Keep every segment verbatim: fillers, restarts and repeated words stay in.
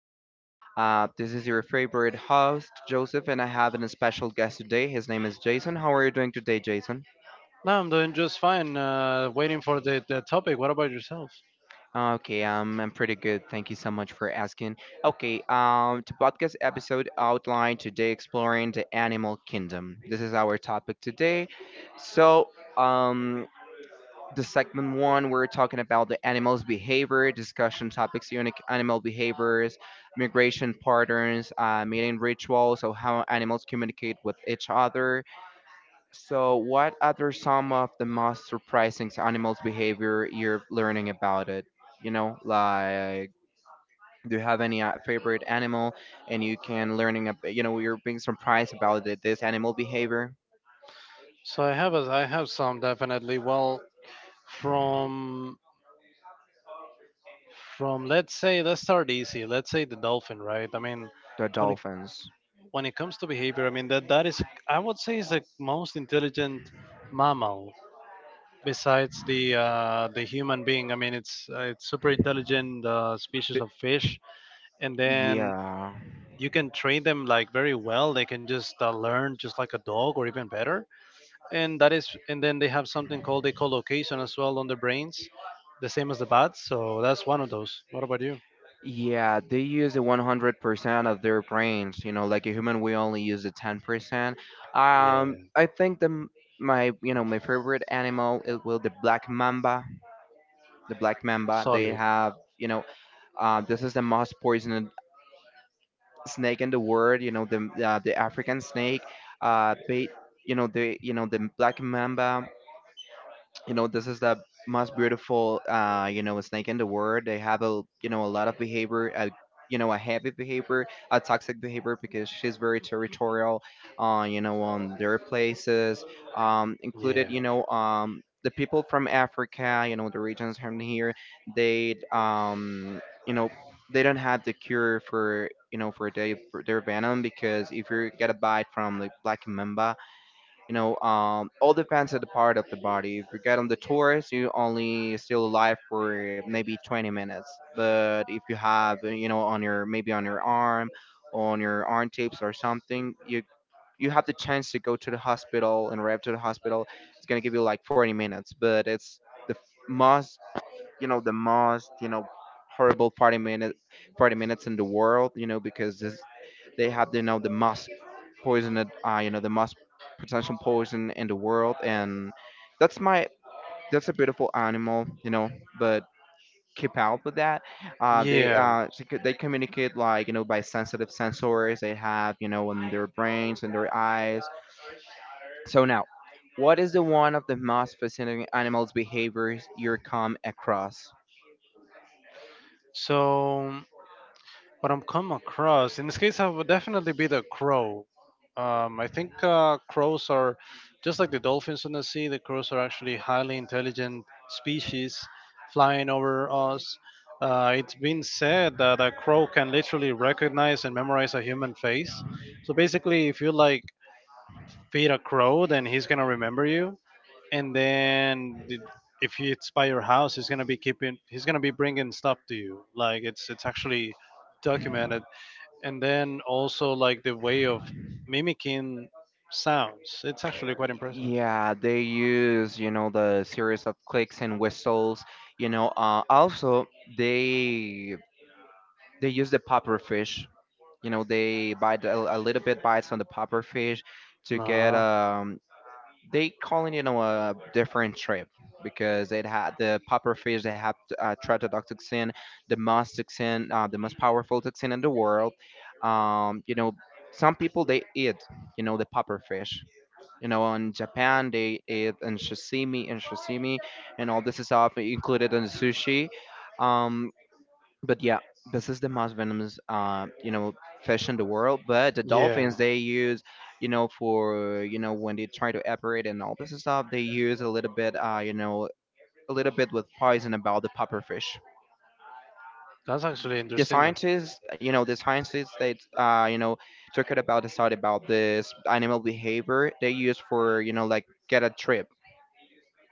again. Uh, this is your favorite host, Joseph, and I have a special guest today. His name is Jason. How are you doing today, Jason? No, I'm doing just fine. Uh, waiting for the, the topic. What about yourself? Okay, um, I'm pretty good. Thank you so much for asking. Okay, um, the podcast episode outline today exploring the animal kingdom. This is our topic today. So, um, the segment one, we're talking about the animal's behavior, discussion topics, unique animal behaviors, migration patterns, uh, mating rituals, so how animals communicate with each other. So, what are some of the most surprising animals' behavior you're learning about it? You know, like do you have any uh, favorite animal, and you can learning, ab- you know, you're being surprised about it, this animal behavior? So I have a, I have some definitely. Well, from from let's say let's start easy. Let's say the dolphin, right? I mean, The when it Dolphins. when it comes to behavior, I mean that that is I would say is the most intelligent mammal besides the uh, the human being. I mean it's uh, it's super intelligent uh, species Th- of fish, and then yeah. you can train them like very well. They can just uh, learn just like a dog or even better. And that is and then they have something called echolocation as well on their brains, the same as the bats. So that's one of those. What about you? Yeah, they use the one hundred percent of their brains. You know, like a human, we only use the ten percent. Um, yeah, I think the m- my, you know, my favorite animal it will the black mamba. The black mamba. They solid. have, you know, Uh, this is the most poisonous snake in the world. You know the uh, the African snake, uh, bait, you know the you know the black mamba, you know this is the most beautiful uh you know snake in the world. They have a, you know, a lot of behavior, a, you know, a heavy behavior, a toxic behavior, because she's very territorial uh you know on their places. Um, included you know um the people from Africa, you know the regions from here, they um you know they don't have the cure for you know for their for their venom, because if you get a bite from like black mamba, you know, um, all depends on the part of the body. If you get on the tours, you only still alive for maybe twenty minutes. But if you have, uh, you know, on your maybe on your arm, on your arm tips or something, you you have the chance to go to the hospital and arrive to the hospital. It's gonna give you like forty minutes, but it's the f- most, you know, the most, you know, horrible party minute party minutes in the world, you know, because this they have, you know, the most poisoned, uh, you know, the most potential poison in the world. And that's my, that's a beautiful animal, you know, but keep out with that. Uh, they Yeah. uh she could- they communicate like, you know, by sensitive sensors they have, you know, in their brains and their eyes. So now, what is the one of the most fascinating animals behaviors you come across? So what I've come across in this case, I would definitely be the crow. Um, I think uh, crows are just like the dolphins on the sea. The crows are actually highly intelligent species, flying over us. Uh, it's been said that a crow can literally recognize and memorize a human face. So basically, if you like feed a crow, then he's gonna remember you. And then the- if it's by your house, he's gonna be keeping. He's gonna be bringing stuff to you. Like it's it's actually documented. And then also like the way of mimicking sounds. It's actually quite impressive. Yeah, they use, you know, the series of clicks and whistles, you know, uh, also they they use the popper fish. You know, they bite a, a little bit bites on the popper fish to get Uh-huh. um they calling, you know, a different trip, because it had the puffer fish. They had uh, tetrodotoxin, the most toxin uh, the most powerful toxin in the world. Um, you know, some people they eat, you know, the puffer fish, you know, in Japan they eat, and sashimi and sashimi, and all this is stuff included in the sushi. Um, but yeah, this is the most venomous, uh, you know, fish in the world. But the Yeah, dolphins, they use, you know, for, you know, when they try to operate and all this stuff, they use a little bit, uh, you know, a little bit with poison about the pufferfish. that's actually The interesting. scientists, you know, the scientists they, uh, you know, took it about the study about this animal behavior they use for, you know, like get a trip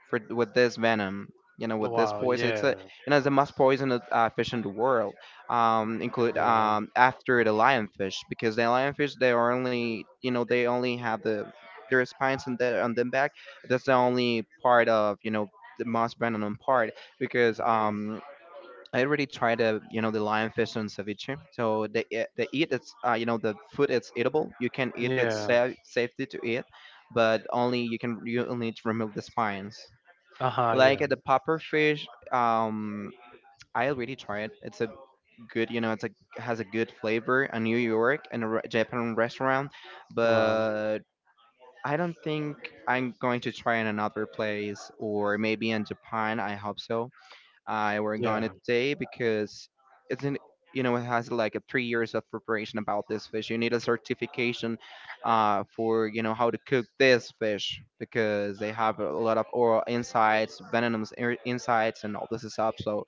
for with this venom, you know, with this Wow, poison. It's a, yeah, you know, it's the most poisonous, uh, fish in the world. Um, include yeah. um after the lionfish, because the lionfish they are only, you know, they only have the their spines on their on them back. That's the only part of, you know, the most venom part, because um I already tried the, you know, the lionfish on ceviche. So they eat- they eat, it's uh, you know, the food, it's eatable. You can eat it, Yeah. safe safety to eat, but only you can you only need to remove the spines. Uh-huh, Like uh, yeah. the popper fish, um, I already tried. It's a good, you know, it's a has a good flavor in New York and a re- Japan restaurant, Wow. but I don't think I'm going to try in another place, or maybe in Japan. I hope so. I were going Yeah. to say, because it's in, you know, it has like a three years of preparation about this fish. You need a certification uh, for, you know, how to cook this fish, because they have a lot of oral insides, venomous ir- insides, and all this stuff. So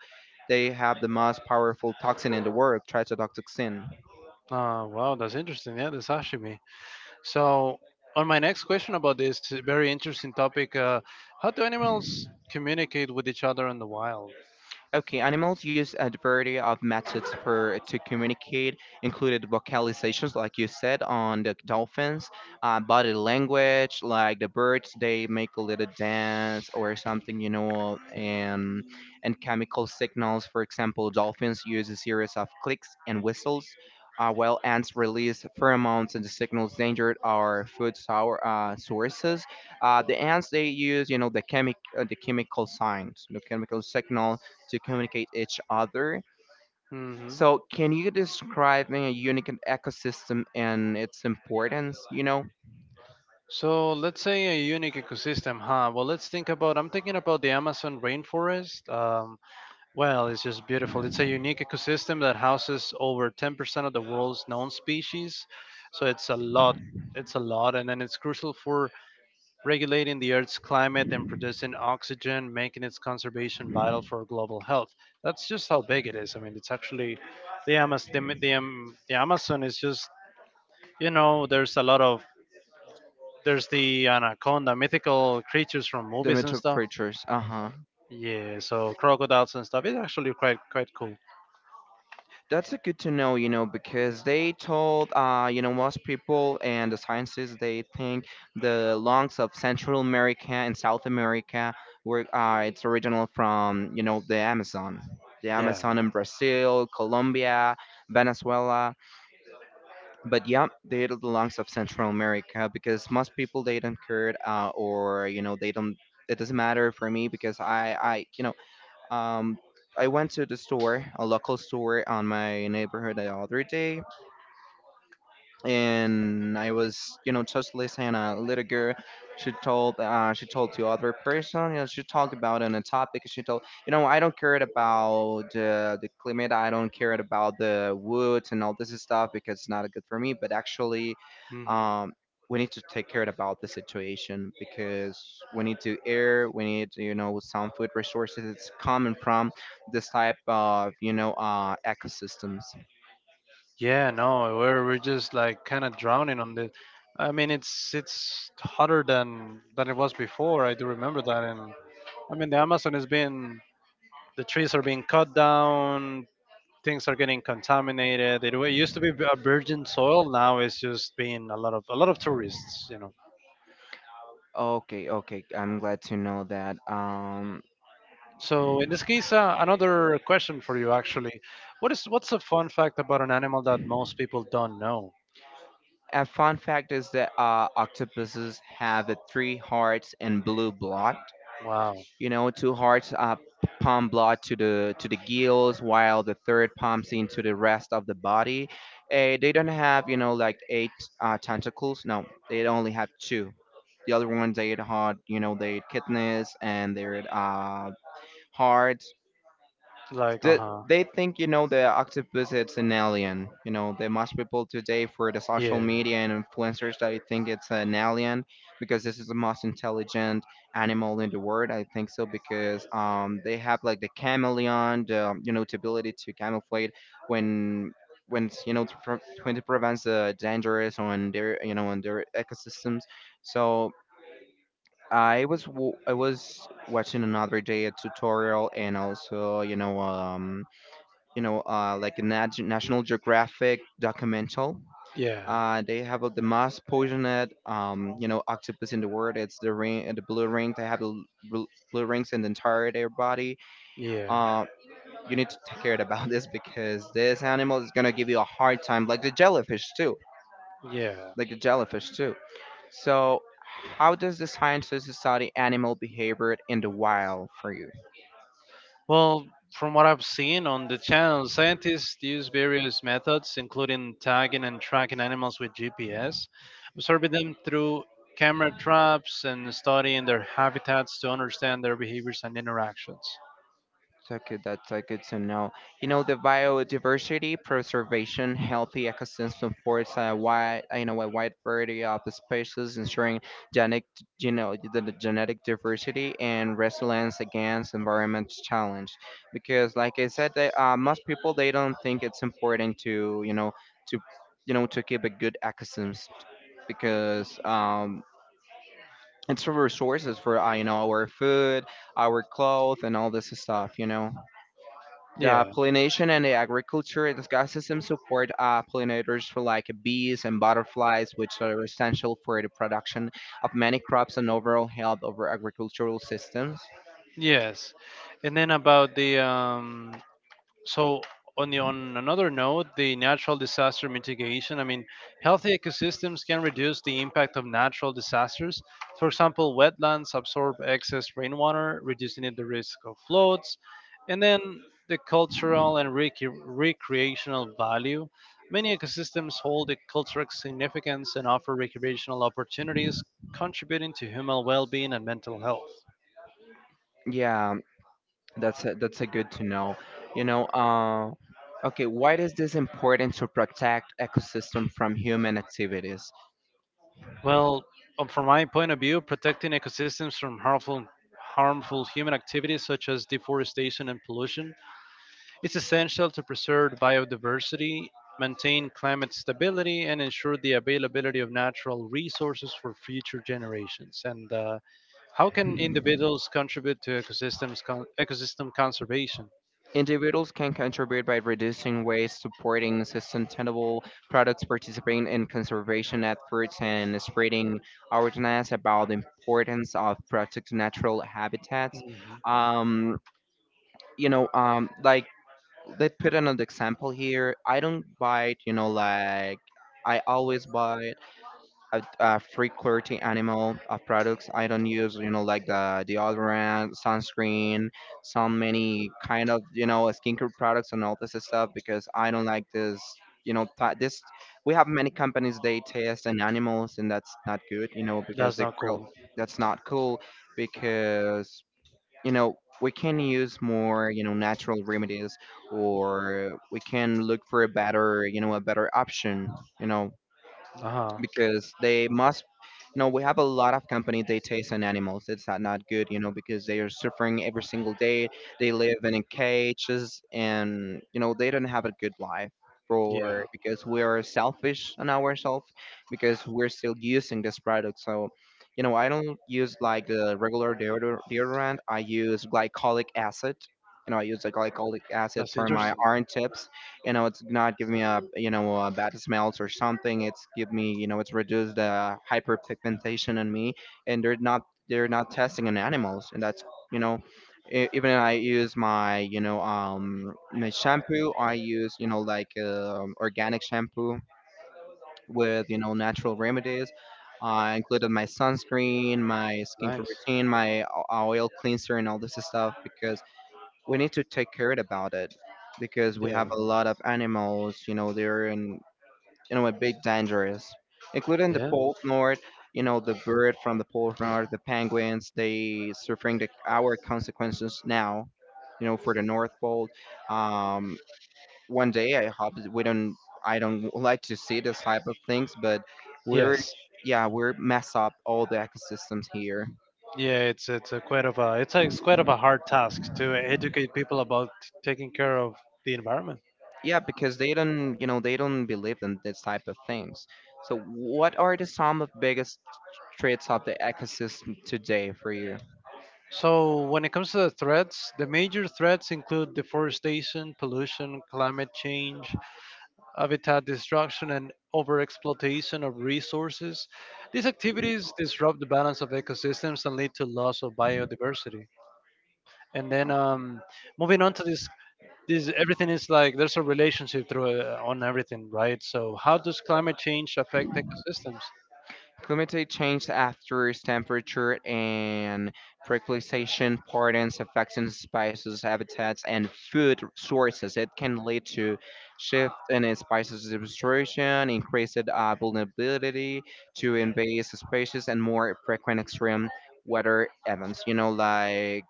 they have the most powerful toxin in the world, tetrodotoxin. Uh, wow, that's interesting. Yeah, the sashimi. So on my next question about this uh, very interesting topic, uh, how do animals communicate with each other in the wild? Okay, animals use a variety of methods for to communicate, included vocalizations, like you said, on the dolphins, uh, body language, like the birds, they make a little dance or something, you know, and and chemical signals. For example, dolphins use a series of clicks and whistles, uh, while ants release pheromones and the signals danger are food sour, uh, sources. Uh, the ants they use, you know, the chemic uh, the chemical signs, you know, chemical signals to communicate each other. hmm So, can you describe me a unique ecosystem and its importance? You know, So let's say a unique ecosystem, huh? Well, let's think about. I'm thinking about the Amazon rainforest. Um, well, it's just beautiful. It's a unique ecosystem that houses over ten percent of the world's known species, so it's a lot. It's a lot, and then it's crucial for regulating the Earth's climate and producing oxygen, making its conservation vital for global health. That's just how big it is. I mean, it's actually the Amazon. The, the, Am- the Amazon is just, you know, there's a lot of, there's the anaconda, mythical creatures from the movies and mythical stuff. creatures. Uh huh. Yeah, so crocodiles and stuff. It's actually quite quite cool. That's a good to know. You know, because they told uh you know most people and the scientists they think the lungs of Central America and South America were uh it's original from, you know, the Amazon. The Yeah. Amazon in Brazil, Colombia, Venezuela, but yeah, they are the lungs of Central America, because most people they don't care uh, or you know they don't. It doesn't matter for me, because I I you know um I went to the store, a local store on my neighborhood the other day, and I was, you know, just listening. A little girl, she told, uh, she told to other person, you know, she talked about on a topic. She told, you know, I don't care about uh, the climate. I don't care about the woods and all this stuff because it's not good for me. But actually, hmm um, we need to take care about the situation, because we need to air, we need, you know, some food resources that's coming from this type of, you know, uh, ecosystems. Yeah, no, we're we're just like kind of drowning on the. I mean, it's it's hotter than than it was before. I do remember that, and I mean, the Amazon is being, the trees are being cut down, things are getting contaminated. It, wa- used to be a virgin soil, now it's just being a lot of a lot of tourists, you know. Okay, okay. I'm glad to know that. Um, So in this case, uh, another question for you actually, what is what's a fun fact about an animal that most people don't know? a fun fact is that uh, octopuses have uh, three hearts and blue blood. Wow. You know, two hearts uh, pump blood to the to the gills, while the third pumps into the rest of the body. Uh, they don't have, you know, like eight uh, tentacles. No, they only have two. The other ones they had, you know, they had kidneys and their uh, hearts. Like, uh Th- huh. they think, you know, the octopus it's an alien. You know, there must people today for the Yeah, social media and influencers that I think it's an alien, because this is the most intelligent animal in the world. I think so, because um they have like the chameleon, the um, you know, the ability to camouflage when when it's, you know, to pre- when it prevents the dangerous on their, you know, on their ecosystems. So I was w- I was watching another day a tutorial, and also, you know, um, you know, uh, like a nat- National Geographic documental. yeah, Uh, they have uh, the most poisoned, um, you know, octopus in the world. It's the ring, uh, the blue rings. They have the bl- blue rings in the entire their body. yeah, Uh, you need to take care about this, because this animal is gonna give you a hard time, like the jellyfish too, yeah. like the jellyfish too. So, how does the sciences study animal behavior in the wild for you? Well, from what I've seen on the channel, scientists use various methods, including tagging and tracking animals with G P S, observing them through camera traps, and studying their habitats to understand their behaviors and interactions. So good. That's uh, good to know. You know, the biodiversity preservation, healthy ecosystem supports a wide, you know, a wide variety of species, ensuring genetic, you know, the the genetic diversity and resilience against environment challenge. Because, like I said, they, uh, most people they don't think it's important to, you know, to, you know, to keep a good ecosystem, because um, it's for resources for, uh, you know, our food, our clothes, and all this stuff, you know. The Yeah. pollination and the agriculture ecosystem support uh, pollinators for like bees and butterflies, which are essential for the production of many crops and overall health of our agricultural systems. Yes. And then about the um, so on the, on another note, the natural disaster mitigation. I mean, healthy ecosystems can reduce the impact of natural disasters. For example, wetlands absorb excess rainwater, reducing it the risk of floods. And then the cultural and rec- recreational value, many ecosystems hold a cultural significance and offer recreational opportunities, contributing to human well-being and mental health. Yeah, that's a, that's a good to know. You know, uh, okay, why is this important to protect ecosystem from human activities? Well, um, from my point of view, protecting ecosystems from harmful harmful human activities such as deforestation and pollution is essential to preserve biodiversity, maintain climate stability, and ensure the availability of natural resources for future generations. And uh, how can individuals contribute to ecosystems con- ecosystem conservation? Individuals can contribute by reducing waste, supporting sustainable products, participating in conservation efforts, and spreading awareness about the importance of protecting natural habitats. Mhm. Um, you know, um, like let's put another example here. I don't buy, you know, like I always buy a, a free quality animal of products I don't use, you know, like the deodorant, sunscreen, so many kind of, you know, skincare products and all this stuff because I don't like this, you know, pa- this, We have many companies, they test on animals and that's not good, you know, because That's they not feel cool. that's not cool because, you know, we can use more, you know, natural remedies, or we can look for a better, you know, a better option, you know, Uh huh. because they must. You know we have a lot of company they taste on animals. It's not, not good, you know, because they are suffering every single day. They live in cages and, you know, they don't have a good life for Yeah. because we are selfish on ourselves because we're still using this product. So, you know, I don't use like the regular deodor- deodorant. I use glycolic acid. You know, I use the glycolic acid That's for my interesting. arm tips. You know, it's not giving me a, you know, a bad smells or something. It's give me, you know, it's reduced the uh, hyperpigmentation in me, and they're not, they're not testing on animals. And that's, you know e- even I use my, you know, um my shampoo. I use, you know, like um organic shampoo with, you know, natural remedies. I included my sunscreen, my skincare Nice. routine, my o- oil cleanser and all this stuff because we need to take care about it, because we Yeah. have a lot of animals, you know, they're in, you know, a bit dangerous, including the Yeah. pole north. You know, the bird from the pole north, the penguins, they suffering the our consequences now, you know, for the north pole. um one day I hope that we don't. I don't like to see this type of things, but we're, Yes. yeah, we're mess up all the ecosystems here. Yeah. It's it's a quite of a it's a it's quite of a hard task to educate people about taking care of the environment. Yeah, because they don't, you know, they don't believe in this type of things. So, what are the some of biggest threats of the ecosystem today for you? So, when it comes to the threats, the major threats include deforestation, pollution, climate change, habitat destruction, and overexploitation of resources. These activities disrupt the balance of ecosystems and lead to loss of biodiversity. And then, um, moving on to this, this everything is like there's a relationship through uh, on everything, right? So, how does climate change affect ecosystems? Climate change after temperature and precipitation patterns affecting species habitats and food sources. It can lead to shift in species distribution, increased uh, vulnerability to invasive species, and more frequent extreme weather events. You know, like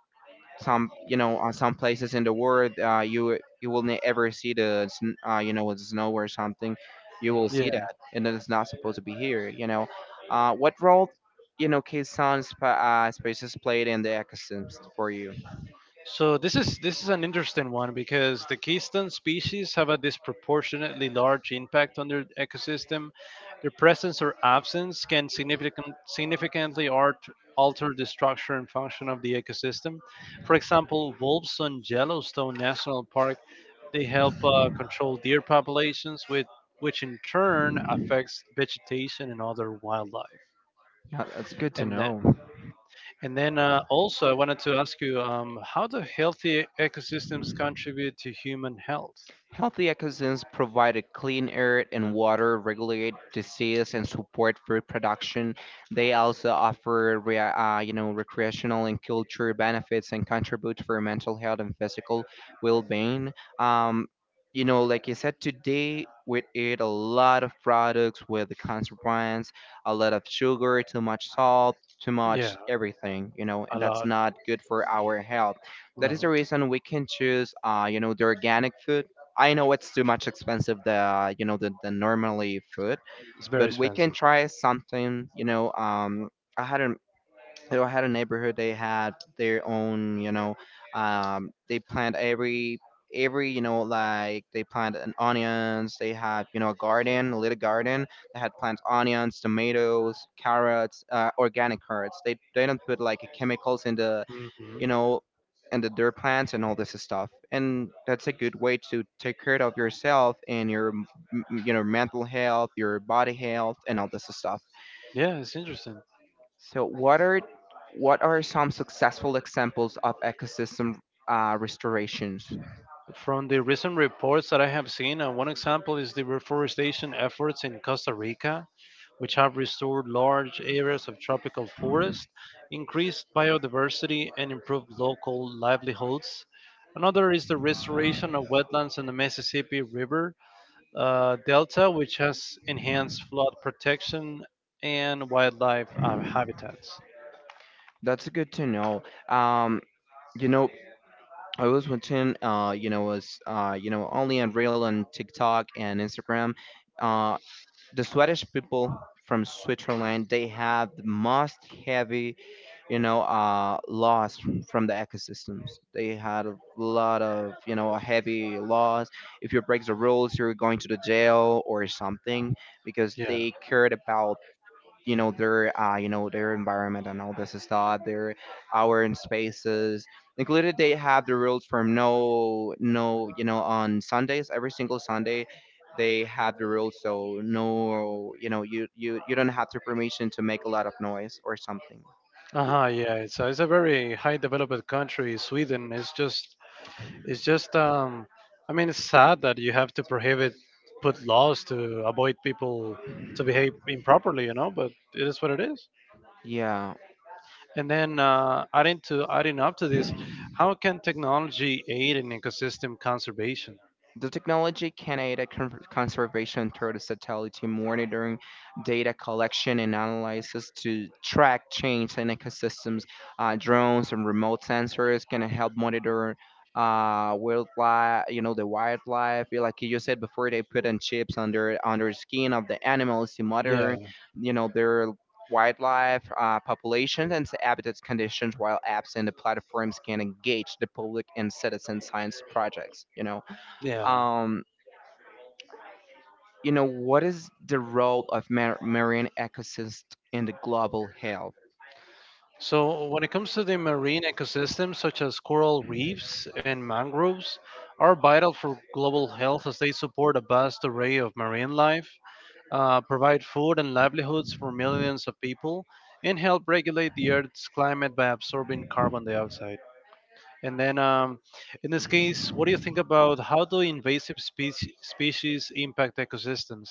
some, you know, uh, some places in the world, uh, you you will never see the sn- uh, you know, the snow or something. You will Yeah. see that, and that is not supposed to be here, you know. uh, what role, you know, kids on, uh, spaces played in the ecosystems for you? So this is this is an interesting one because the keystone species have a disproportionately large impact on their ecosystem. Their presence or absence can significant, significantly art, alter the structure and function of the ecosystem. For example, wolves on Yellowstone National Park, they help uh, control deer populations, with which in turn affects vegetation and other wildlife. Yeah, that's good to And uh, know. and then uh, also, I wanted to ask you, um, how do healthy ecosystems contribute to human health? Healthy ecosystems provide clean air and water, regulate disease, and support food production. They also offer, re- uh, you know, recreational and cultural benefits and contribute for mental health and physical well-being. Um, you know, like I said, today we eat a lot of products with the consequence, a lot of sugar, too much salt, too Yeah, much everything. You know, a and that's lot. not good for our health. That No. is the reason we can choose, uh, you know, the organic food. I know it's too much expensive the, you know, the, the normally food, It's very but we can expensive. try something. You know, um, I had a I had a neighborhood. They had their own. You know, um, they plant every every you know, like they plant an onions. They have, you know, a garden, a little garden. They had plants, onions, tomatoes, carrots, uh, organic carrots. They they don't put like chemicals in the, you know, and the, their plants and all this stuff. And that's a good way to take care of yourself and your, m- m- you know, mental health, your body health, and all this stuff. Yeah, it's interesting. So, what are what are some successful examples of ecosystem uh, restorations? From the recent reports that I have seen, uh, one example is the reforestation efforts in Costa Rica, which have restored large areas of tropical forest, increased biodiversity, and improved local livelihoods. Another is the restoration of wetlands in the Mississippi River uh, Delta, which has enhanced flood protection and wildlife uh, habitats. That's good to know. Um, you know, I was watching, uh, you know, was uh, you know, only on Reel on TikTok and Instagram. Uh, the Swedish people from Switzerland they have the most heavy, you know, uh, loss from the ecosystems. They had a lot of, you know, heavy laws. If you break the rules, you're going to the jail or something because Yeah. they cared about, you know, their uh, you know, their environment and all this stuff, their hour and spaces included. They have the rules from no no you know, on Sundays, every single Sunday, they have the rules. So no, you know, you you, you don't have the permission to make a lot of noise or something. Th- Uh-huh, yeah. It's a, it's a very high developed country, Sweden. It's just, it's just, um I mean it's sad that you have to prohibit, put laws to avoid people to behave improperly, you know, but it is what it is. yeah. And then uh, adding to adding up to this, how can technology aid in ecosystem conservation? The technology can aid at con- conservation through the satellite monitoring, data collection and analysis to track change in ecosystems. Uh, drones and remote sensors can help monitor uh wildlife, you know, the wildlife. Yeah, like you said before, they put in chips under under skin of the animals to Yeah, monitor, you know, their wildlife uh, populations and habitat conditions, while apps and the platforms can engage the public and citizen science projects, you know. yeah. um, you know, what is the role of mar- marine ecosystems in the global health? So when it comes to the marine ecosystems, such as coral reefs and mangroves, are vital for global health as they support a vast array of marine life, uh, provide food and livelihoods for millions of people, and help regulate the Earth's climate by absorbing carbon dioxide. And then, um, in this case, what do you think about how do invasive species, species impact ecosystems?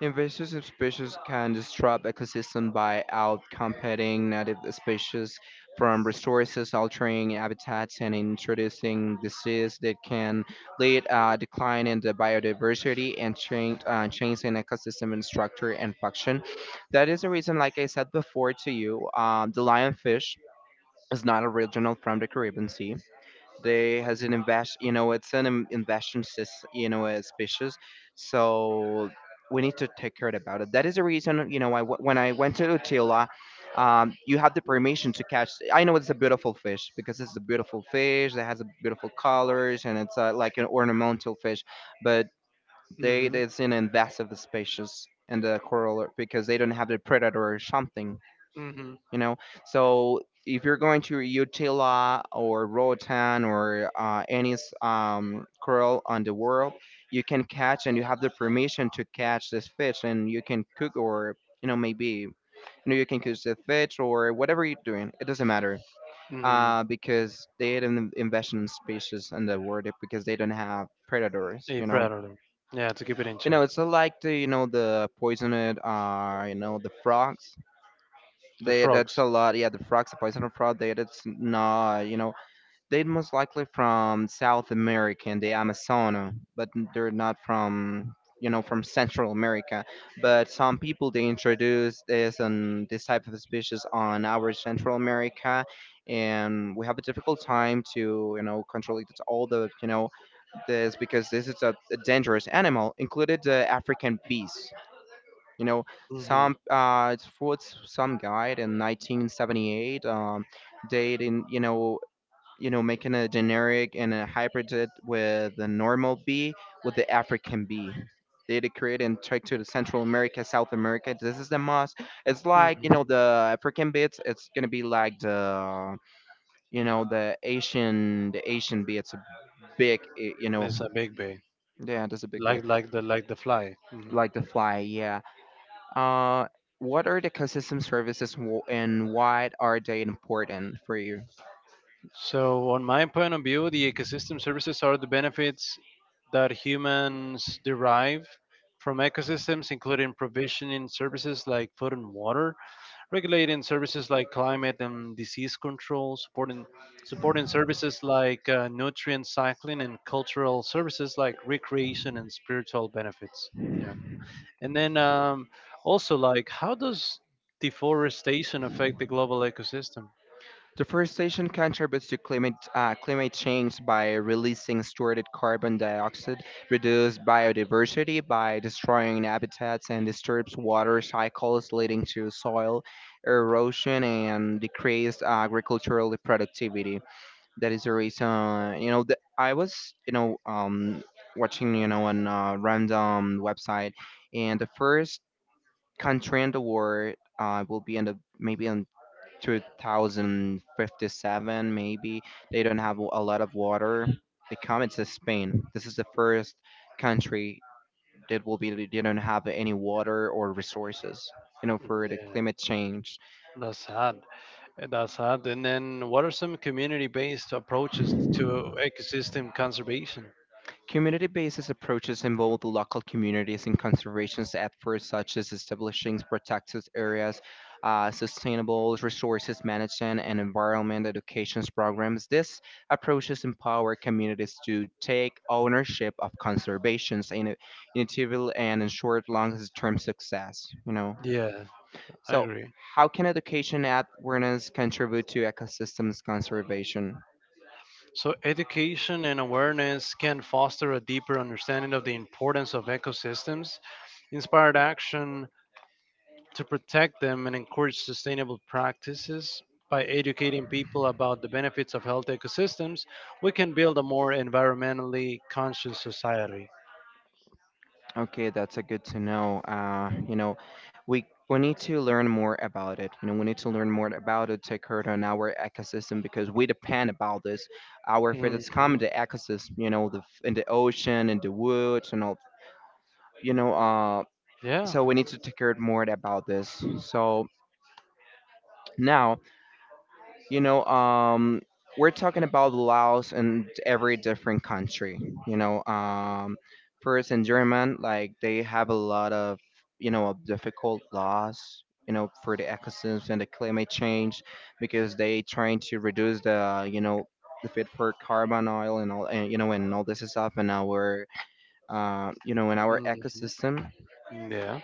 Invasive species can disrupt ecosystem by outcompeting native species from resources, altering habitats, and introducing disease that can lead a decline in the biodiversity and change, uh, change in ecosystem and structure and function. That is the reason, like I said before to you, uh, the lionfish is not original from the Caribbean Sea. They has an invest, you know, it's an in- investment sys- you know, uh, species. So we need to take care about it. That is the reason, you know, I, w- when I went to Utila, um, you have the permission to catch. I know it's a beautiful fish because it's a beautiful fish that has a beautiful colors and it's, uh, like an ornamental fish. But they it's an invasive species in the coral because they don't have the predator or something, you know. So if you're going to Utila or Roatan or, uh, any s- um, coral on the world, you can catch and you have the permission to catch this fish and you can cook or, you know, maybe, you know, you can cook the fish or whatever you're doing, it doesn't matter. Mm. uh, because they didn't invest in species in the world because they don't have predators, A you know. parallel. Yeah, to keep it in You check. know, it's like the, you know, the poisoned uh you know, the frogs. The They that's frogs. a lot. Yeah, the frogs, the poison frog. They that's not. You know, they most likely from South America and the Amazon, but they're not from, you know, from Central America. But some people they introduce this and this type of species on our Central America, and we have a difficult time to, you know, control it. It's all the, you know, this because this is a, a dangerous animal, included the African bees. You know, hmm hmm some uh, it's for s- some guy in nineteen seventy-eight, um, did in, you know, you know, making a generic and a hybrid it with the normal bee with the African bee. They did create and check to the Central America, South America. This is the most. It's like, you know, the African beats. It's gonna be like the, you know, the Asian the Asian bee. It's a big eh, you know, It's a big bee, yeah. That's a big bit like like the like the fly. hmm like the fly. Yeah. Uh, what are the ecosystem services w- and why are they important for you? So, on my point of view, the ecosystem services are the benefits that humans derive from ecosystems, including provisioning services like food and water, regulating services like climate and disease control, supporting, supporting services like uh, nutrient cycling, and cultural services like recreation and spiritual benefits. Yeah. And then um, also, like, how does deforestation affect the global ecosystem? Deforestation contributes to climate uh, climate change by releasing stored carbon dioxide, reduces biodiversity by destroying habitats, and disturbs water cycles, leading to soil erosion and decreased agricultural productivity. That is the reason. You know, the, I was, you know, um, watching, you know, on a random website, and the first Contrando War uh, will be in the maybe in two thousand fifty-seven maybe. They don't have a lot of water. They come it's Spain. This is the first country that will be they don't have any water or resources, you know, for the Yeah, climate change. that's sad. That's sad. And then, what are some community-based approaches to ecosystem conservation? Community based approaches involve the local communities in conservation efforts such as establishing protected areas, uh, sustainable resources management, and environment education programs. These approaches empower communities to take ownership of conservation in- initiative and ensure long term success. You know, Yeah, I so agree. how can education at awareness contribute to ecosystems conservation? So, education and awareness can foster a deeper understanding of the importance of ecosystems, inspired action to protect them, and encourage sustainable practices. By educating people about the benefits of healthy ecosystems, we can build a more environmentally conscious society. Okay, that's a good to know. Uh, you know, we we need to learn more about it. You know, we need to learn more about it to occur on our ecosystem because we depend about this. Our food is common Mhm. to ecosystem. You know, the f- in the ocean, in the woods, and all. You know, uh, Yeah. so we need to take care more about this. So now, you know, um, we're talking about laws in every different country. You know, um, First in German, like they have a lot of you know of difficult laws. You know, for the ecosystems and the climate change, because they trying to reduce the you know the fit for carbon oil and all and you know and all this stuff in our uh, you know in our Mhm. ecosystem, Yeah.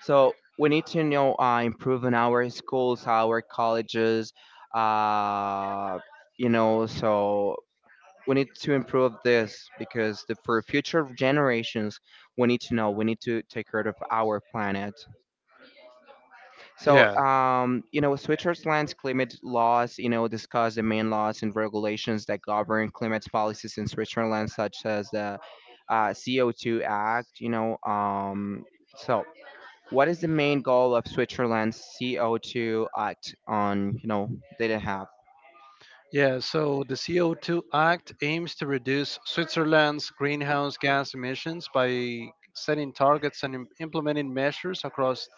so we need to know, uh, improve on our schools, our colleges, uh, you know. So we need to improve this because the, for future generations, we need to know. We need to take care of our planet. So Yeah. um, you know, Switzerland's climate laws, you know, discuss the main laws and regulations that govern climate policies in Switzerland, such as the uh, C O two Act. You know, um, so. What is the main goal of Switzerland's C O two act on, you know, they didn't have? Yeah, so the C O two Act aims to reduce Switzerland's greenhouse gas emissions by setting targets and im- implementing measures across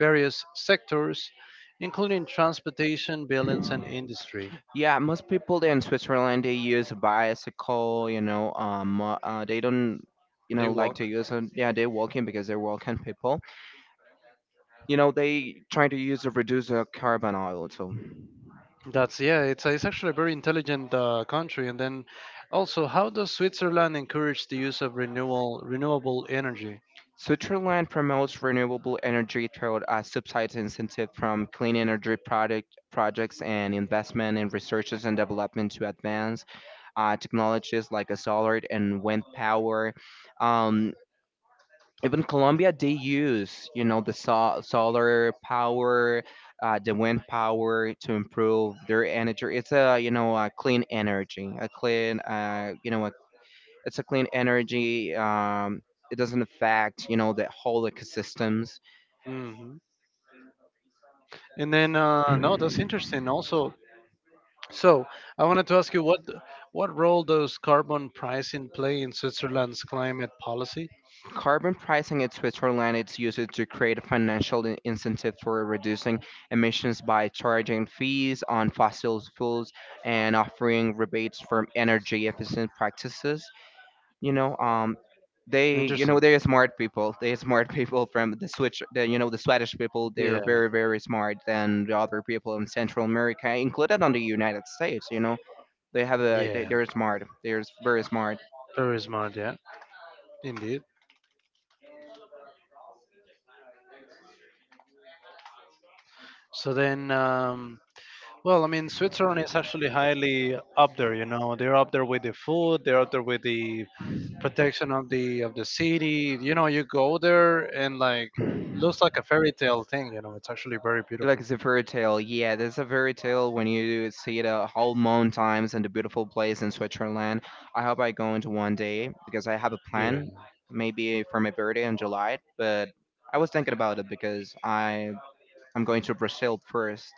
various sectors, including transportation, buildings, and industry. Yeah, most people there in Switzerland they use a bicycle, you know, um uh, uh, they don't you They know like walk. to use them. Yeah, they're walking because they're walking people. You know, they try to use a reduce the carbon oil too. That's, yeah, it's it's actually a very intelligent uh, country. And then also, how does Switzerland encourage the use of renewal renewable energy? Switzerland promotes renewable energy through a subsidized incentive from clean energy product projects and investment in researches and development to advance uh, technologies like a solar and wind power. Um, even Colombia, they use you know the so- solar power, uh, the wind power to improve their energy. It's a you know a clean energy, a clean uh, you know a, it's a clean energy. Um, it doesn't affect you know the whole ecosystems. Mm-hmm. And then uh, no, that's interesting. Also, so I wanted to ask you what what role does carbon pricing play in Switzerland's climate policy? Carbon pricing in Switzerland is used to create financial in- incentives for reducing emissions by charging fees on fossil fuels and offering rebates for energy efficient practices. You know, um, they, you know, Interesting. they're smart people. They're smart people from the Switch, the, you know, the Swedish people. Yeah. They're very, very smart than the other people in Central America, included on the United States. You know, they have a, they, Yeah. they're smart. They're very smart Very smart. Yeah. Indeed. So then, um, well, I mean, Switzerland is actually highly up there. You know, they're up there with the food, they're up there with the protection of the of the city. You know, you go there and like it looks like a fairy tale thing. You know, it's actually very like beautiful. it's a fairy tale. Yeah, there's a fairy tale when you see the whole moon times and the beautiful place in Switzerland. I hope I go into one day because I have a Yeah. plan, maybe for my birthday in July. But I was thinking about it because I I'm going to Brazil first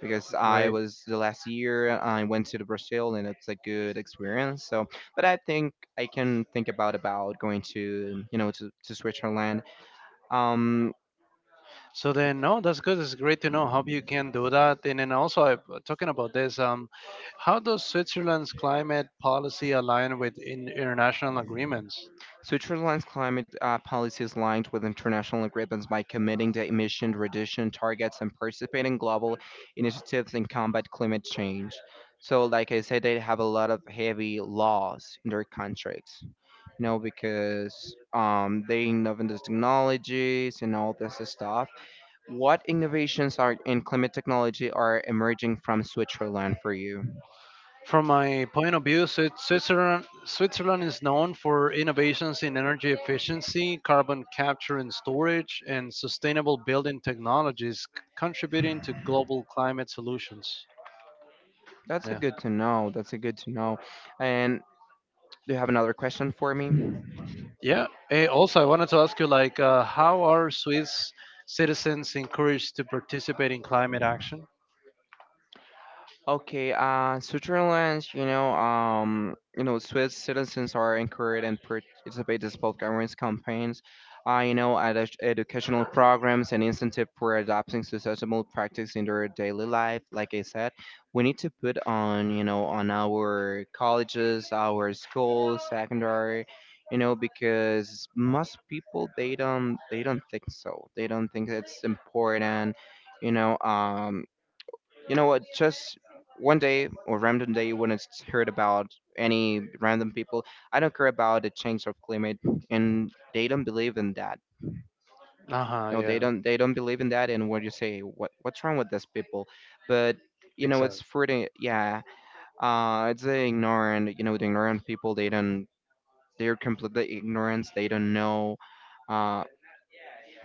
because I Right. was the last year I went to the Brazil and it's a good experience. So, but I think I can think about about going to you know to, to Switzerland. Um, So then, no, that's good. It's great to know how you can do that. And then also, I, talking about this, um, how does Switzerland's climate policy align with in international agreements? Switzerland's climate uh, policy is aligned with international agreements by committing to emission reduction targets and participating in global initiatives in combat climate change. So, like I said, they have a lot of heavy laws in their contracts, you know, because um, they innovate in these technologies and all this stuff. What innovations are in climate technology are emerging from Switzerland for you? From my point of view, Swi- Switzerland, Switzerland is known for innovations in energy efficiency, carbon capture and storage, and sustainable building technologies, c- contributing to global climate solutions. That's a Yeah. good to know. That's a good to know. And do you have another question for me? Yeah. Eh, also, I wanted to ask you, like, uh, how are Swiss citizens encouraged to participate in climate action? Okay, uh, Switzerland, you know, um, you know, Swiss citizens are encouraged and participate in both government campaigns, uh, you know, edu- educational programs and incentive for adopting sustainable practice in their daily life. Like I said, we need to put on, you know, on our colleges, our schools, secondary, you know, because most people they don't they don't think so. They don't think it's important. you know um you know what? Just one day or random day when it's heard about any random people. I don't care about the change of climate, and they don't believe in that. Uh huh. No, they Yeah. don't. They don't believe in that. And what you say? What What's wrong with these people? But you know, it's Exactly. for the yeah. Uh, it's the ignorant. You know, the ignorant people. They don't. They're completely ignorant. They don't know. uh,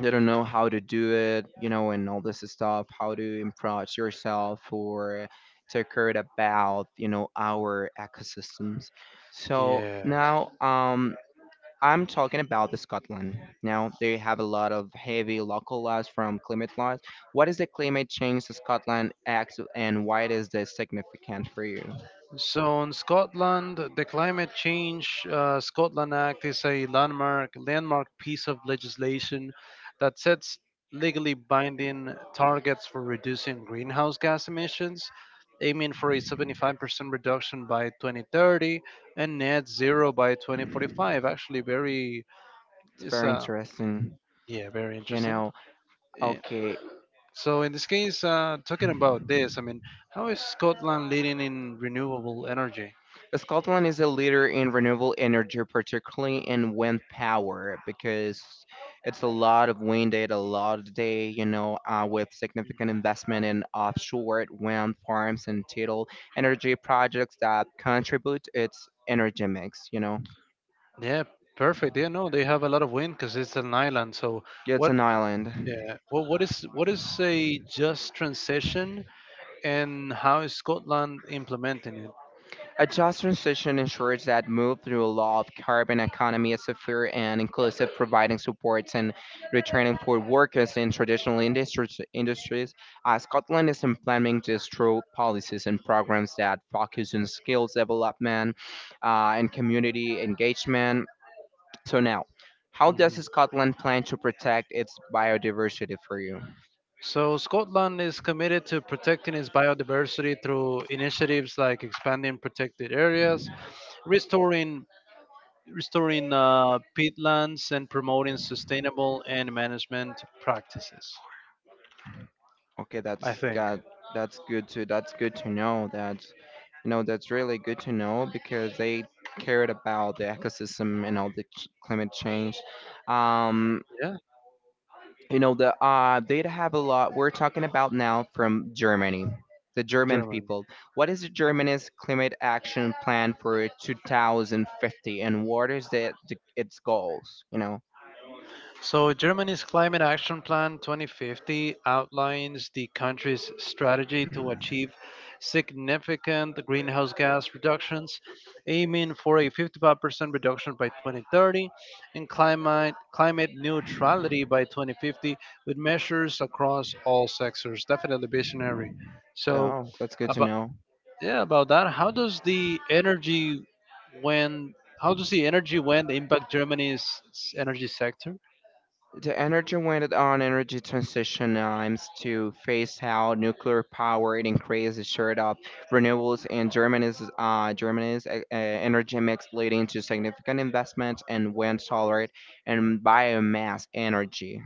they don't know how to do it, you know, and all this stuff, how to improve yourself or take care about, you know, our ecosystems. So Yeah. now, um, I'm talking about the Scotland. Now they have a lot of heavy local laws from climate laws. What is the climate change that Scotland acts and why it is this significant for you? So in Scotland, the Climate Change uh, Scotland Act is a landmark landmark piece of legislation that sets legally binding targets for reducing greenhouse gas emissions, aiming for a seventy-five percent reduction by twenty thirty and net zero by twenty forty-five. Actually, very, It's it's very uh interesting, yeah, very you interesting. know. Eh, Okay, so in this case, uh, talking about this, I mean, how is Scotland leading in renewable energy? Scotland is a leader in renewable energy, particularly in wind power, because it's a lot of wind day, a lot of day, you know, uh, with significant investment in offshore wind farms and tidal energy projects that contribute its energy mix, you know. Yeah, perfect. Yeah, no, they have a lot of wind because it's an island. So Yeah, it's what? an island. Yeah. Well, what is what is a just transition, and how is Scotland implementing it? A just transition ensures that move through a law of carbon economy is fair and inclusive, providing supports and retraining for workers in traditional industries. Industries. Uh, Scotland is implementing this through policies and programs that focus on skills development uh, and community engagement. So now, how does Mhm. Scotland plan to protect its biodiversity for you? So Scotland is committed to protecting its biodiversity through initiatives like expanding protected areas, restoring restoring uh, peatlands and promoting sustainable and management practices. Okay, I that's think. got that's good to that's good to know. That you know that's really good to know because they cared about the ecosystem and all the ch- climate change. Um, Yeah, you know the uh they'd have a lot. We're talking about now from Germany, the German German. people. What is the Germany's climate action plan for twenty fifty, and what is the, the its goals? You know, So, Germany's Climate Action Plan twenty fifty outlines the country's strategy to achieve significant greenhouse gas reductions, aiming for a fifty-five percent reduction by twenty thirty and climate, climate neutrality by twenty fifty with measures across all sectors. Definitely visionary. So, oh, that's good to about, know. yeah, about that. How does the energy when how does the energy when impact Germany's s- energy sector? The energy went on energy transition aims to phase out nuclear power and increase the share of renewables in Germany's uh, Germany's uh, uh, energy mix, leading to significant investments in wind, solar, and biomass energy.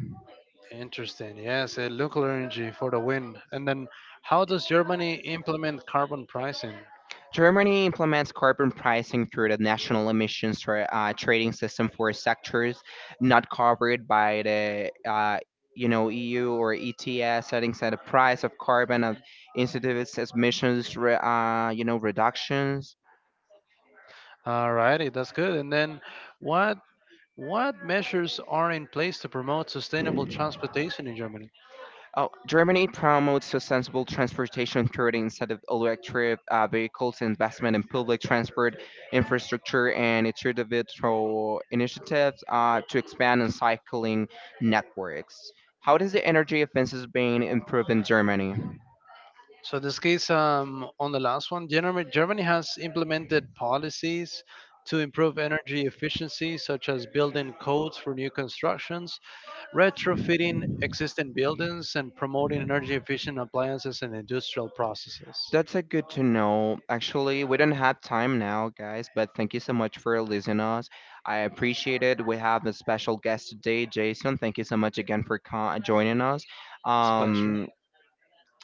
Interesting. Yes, uh, nuclear energy for the win. And then how does Germany implement carbon pricing? Germany implements carbon pricing through the national emissions tra- uh, trading system for sectors not covered by the uh, you know E U or E T S, setting at the price of carbon of incentivizes emissions re- uh, you know reductions. Alrighty, that's good. And then what what measures are in place to promote sustainable transportation in Germany? Oh, Germany promotes sustainable transportation through the instead of electric uh, vehicles, investment in public transport infrastructure, and its individual initiatives uh, to expand on cycling networks. How does the energy efficiency being improved in Germany? So this case, um, on the last one, Germany, Germany has implemented policies to improve energy efficiency, such as building codes for new constructions, retrofitting existing buildings, and promoting energy efficient appliances and industrial processes. That's a good to know. Actually, we don't have time now, guys, but thank you so much for listening us. I appreciate it. We have a special guest today, Jason. Thank you so much again for co- joining us. It's a pleasure. Um,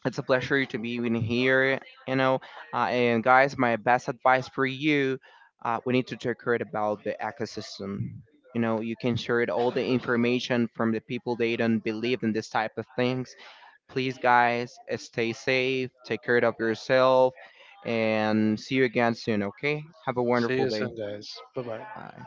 It's a pleasure to be in here, you know. Uh, and guys, my best advice for you, uh, we need to take care about the ecosystem. You know, you can share it all the information from the people they don't believe in this type of things. Please, guys, uh, stay safe, take care of yourself, and see you again soon. Okay? Have a See wonderful you day. soon, guys. Bye bye. Bye.